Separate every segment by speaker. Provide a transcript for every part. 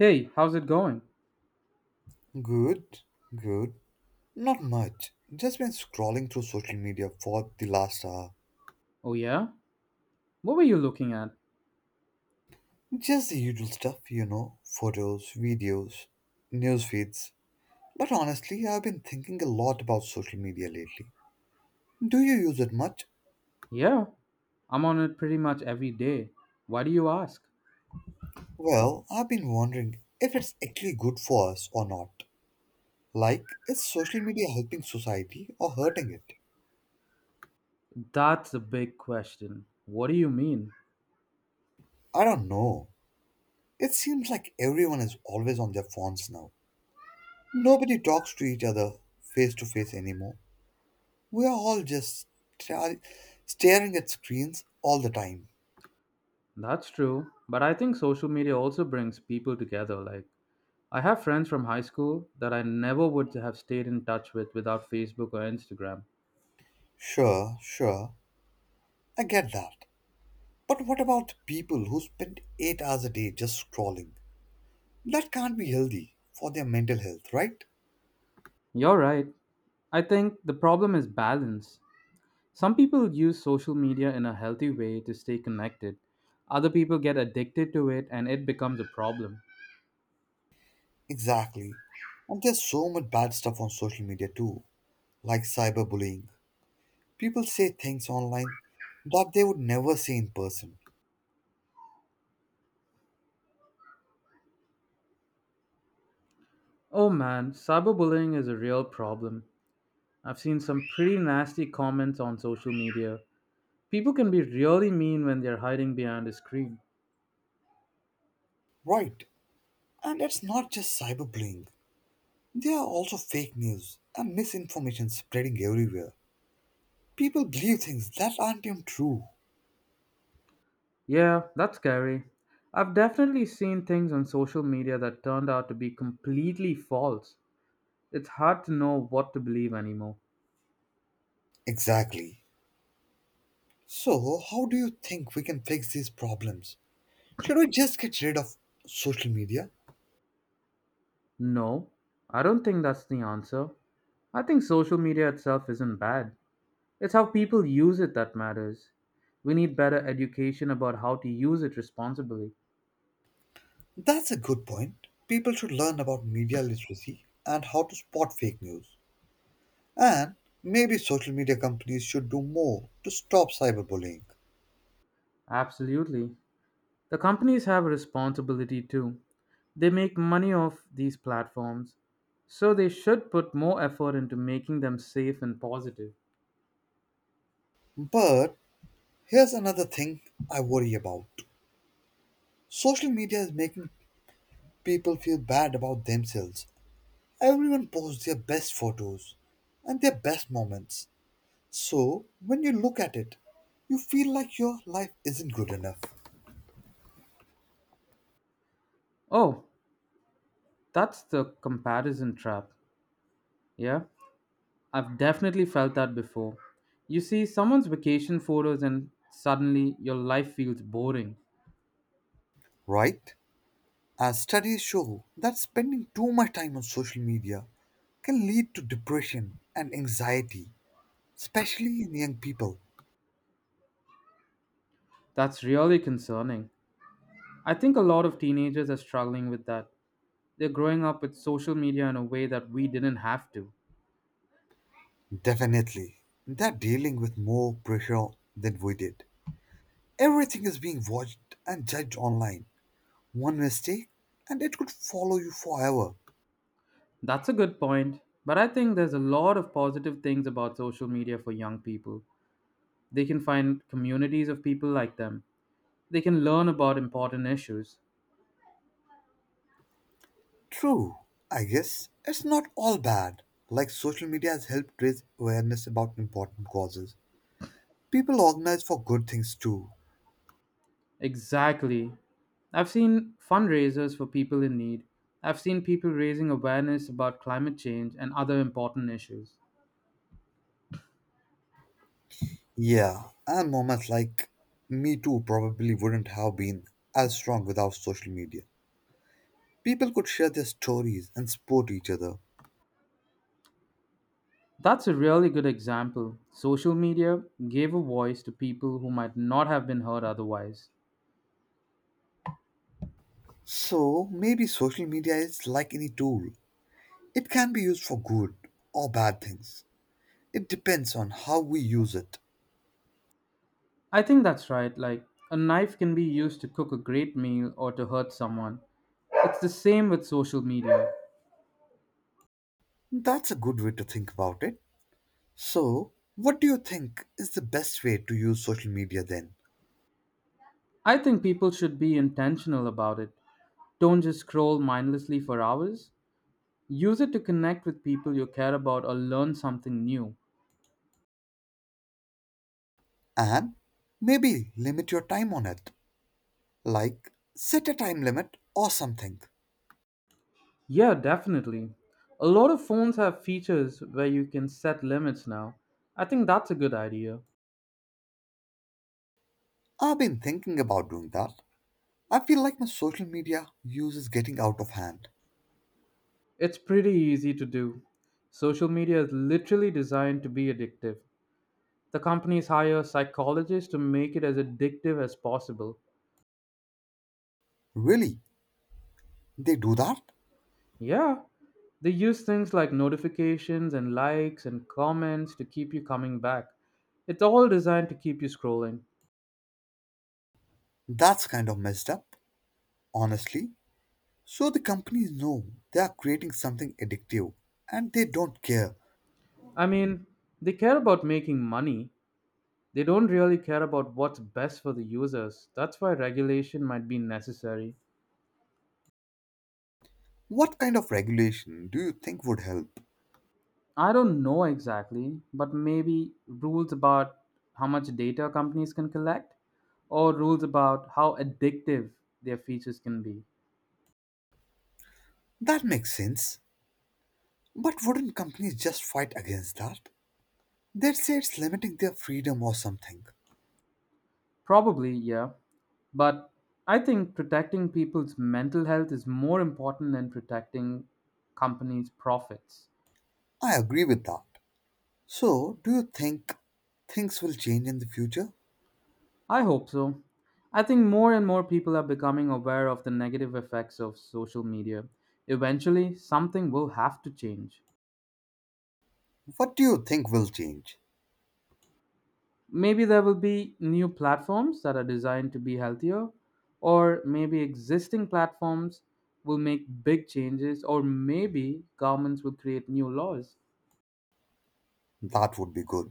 Speaker 1: Hey, how's it going?
Speaker 2: Good, good. Not much. Just been scrolling through social media for the last hour.
Speaker 1: Oh, yeah? What were you looking at?
Speaker 2: Just the usual stuff, photos, videos, news feeds. But honestly, I've been thinking a lot about social media lately. Do you use it much?
Speaker 1: Yeah, I'm on it pretty much every day. Why do you ask?
Speaker 2: Well, I've been wondering if it's actually good for us or not. Like, is social media helping society or hurting it?
Speaker 1: That's a big question. What do you mean?
Speaker 2: I don't know. It seems like everyone is always on their phones now. Nobody talks to each other face to face anymore. We're all just tra- Staring at screens all the time.
Speaker 1: That's true, but I think social media also brings people together. Like, I have friends from high school that I never would have stayed in touch with without Facebook or Instagram.
Speaker 2: Sure, sure, I get that. But what about the people who spend 8 hours a day just scrolling? That can't be healthy for their mental health, right?
Speaker 1: You're right. I think the problem is balance. Some people use social media in a healthy way to stay connected. Other people get addicted to it and it becomes a problem.
Speaker 2: Exactly. And there's so much bad stuff on social media too, like cyberbullying. People say things online that they would never say in person,
Speaker 1: Oh man, cyberbullying is a real problem. I've seen some pretty nasty comments on social media. People can be really mean when they're hiding behind a screen.
Speaker 2: right? And it's not just cyberbullying, there are also fake news and misinformation spreading everywhere. People believe things that aren't even true.
Speaker 1: Yeah, that's scary. I've definitely seen things on social media that turned out to be completely false. It's hard to know what to believe anymore.
Speaker 2: Exactly. So, how do you think we can fix these problems? Should we just get rid of social media?
Speaker 1: No, I don't think that's the answer. I think social media itself isn't bad. It's how people use it that matters. We need better education about how to use it responsibly.
Speaker 2: That's a good point. People should learn about media literacy and how to spot fake news. And maybe social media companies should do more to stop cyberbullying.
Speaker 1: Absolutely. The companies have a responsibility too. They make money off these platforms, so they should put more effort into making them safe and positive.
Speaker 2: But here's another thing I worry about. Social media is making people feel bad about themselves. Everyone posts their best photos and their best moments. So, when you look at it, you feel like your life isn't good enough,
Speaker 1: Oh, that's the comparison trap. Yeah, I've definitely felt that before. You see someone's vacation photos, and suddenly your life feels boring.
Speaker 2: right? As studies show that spending too much time on social media can lead to depression and anxiety, especially in young people.
Speaker 1: That's really concerning. I think a lot of teenagers are struggling with that. They're growing up with social media in a way that we didn't have to.
Speaker 2: Definitely, they're dealing with more pressure than we did. Everything is being watched and judged online. One mistake, and it could follow you forever.
Speaker 1: That's a good point, but I think there's a lot of positive things about social media for young people. They can find communities of people like them, they can learn about important issues.
Speaker 2: True, I guess it's not all bad. Like social media has helped raise awareness about important causes. People organize for good things too.
Speaker 1: Exactly. I've seen fundraisers for people in need. I've seen people raising awareness about climate change and other important issues.
Speaker 2: Yeah, and moments like Me Too probably wouldn't have been as strong without social media. People could share their stories and support each other.
Speaker 1: That's a really good example. Social media gave a voice to people who might not have been heard otherwise.
Speaker 2: So maybe social media is like any tool. It can be used for good or bad things. It depends on how we use it.
Speaker 1: I think that's right. Like, a knife can be used to cook a great meal or to hurt someone. It's the same with social media.
Speaker 2: That's a good way to think about it. So, what do you think is the best way to use social media then?
Speaker 1: I think people should be intentional about it. Don't just scroll mindlessly for hours. Use it to connect with people you care about or learn something new.
Speaker 2: And maybe limit your time on it, like set a time limit or something.
Speaker 1: Yeah, definitely. A lot of phones have features where you can set limits now. I think that's a good idea.
Speaker 2: I've been thinking about doing that. I feel like my social media use is getting out of hand.
Speaker 1: It's pretty easy to do. Social media is literally designed to be addictive. The companies hire psychologists to make it as addictive as possible.
Speaker 2: Really? They do that?
Speaker 1: Yeah, they use things like notifications and likes and comments to keep you coming back. It's all designed to keep you scrolling.
Speaker 2: That's kind of messed up, honestly. So the companies know they are creating something addictive and they don't care.
Speaker 1: I mean, they care about making money. They don't really care about what's best for the users. That's why regulation might be necessary.
Speaker 2: What kind of regulation do you think would help?
Speaker 1: I don't know exactly, but maybe rules about how much data companies can collect or rules about how addictive their features can be.
Speaker 2: That makes sense. But wouldn't companies just fight against that? They'd say it's limiting their freedom or something.
Speaker 1: Probably, yeah. But I think protecting people's mental health is more important than protecting companies' profits.
Speaker 2: I agree with that. So, do you think things will change in the future?
Speaker 1: I hope so. I think more and more people are becoming aware of the negative effects of social media. Eventually, something will have to change.
Speaker 2: What do you think will change?
Speaker 1: Maybe there will be new platforms that are designed to be healthier, or maybe existing platforms will make big changes, or maybe governments will create new laws.
Speaker 2: That would be good.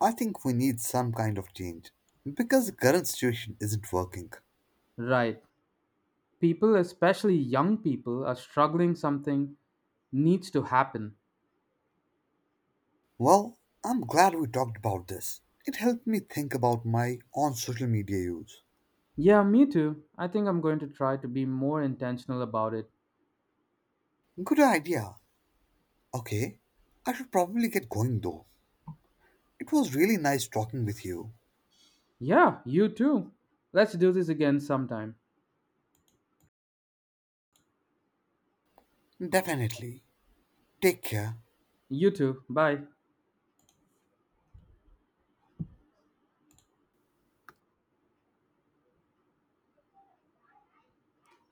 Speaker 2: I think we need some kind of change because the current situation isn't working.
Speaker 1: Right. People, especially young people, are struggling something needs to happen.
Speaker 2: Well, I'm glad we talked about this. It helped me think about my on social media use.
Speaker 1: Yeah, me too. I think I'm going to try to be more intentional about it.
Speaker 2: Good idea. Okay, I should probably get going though. It was really nice talking with you.
Speaker 1: Yeah, you too. Let's do this again sometime.
Speaker 2: Definitely. Take care.
Speaker 1: You too. Bye.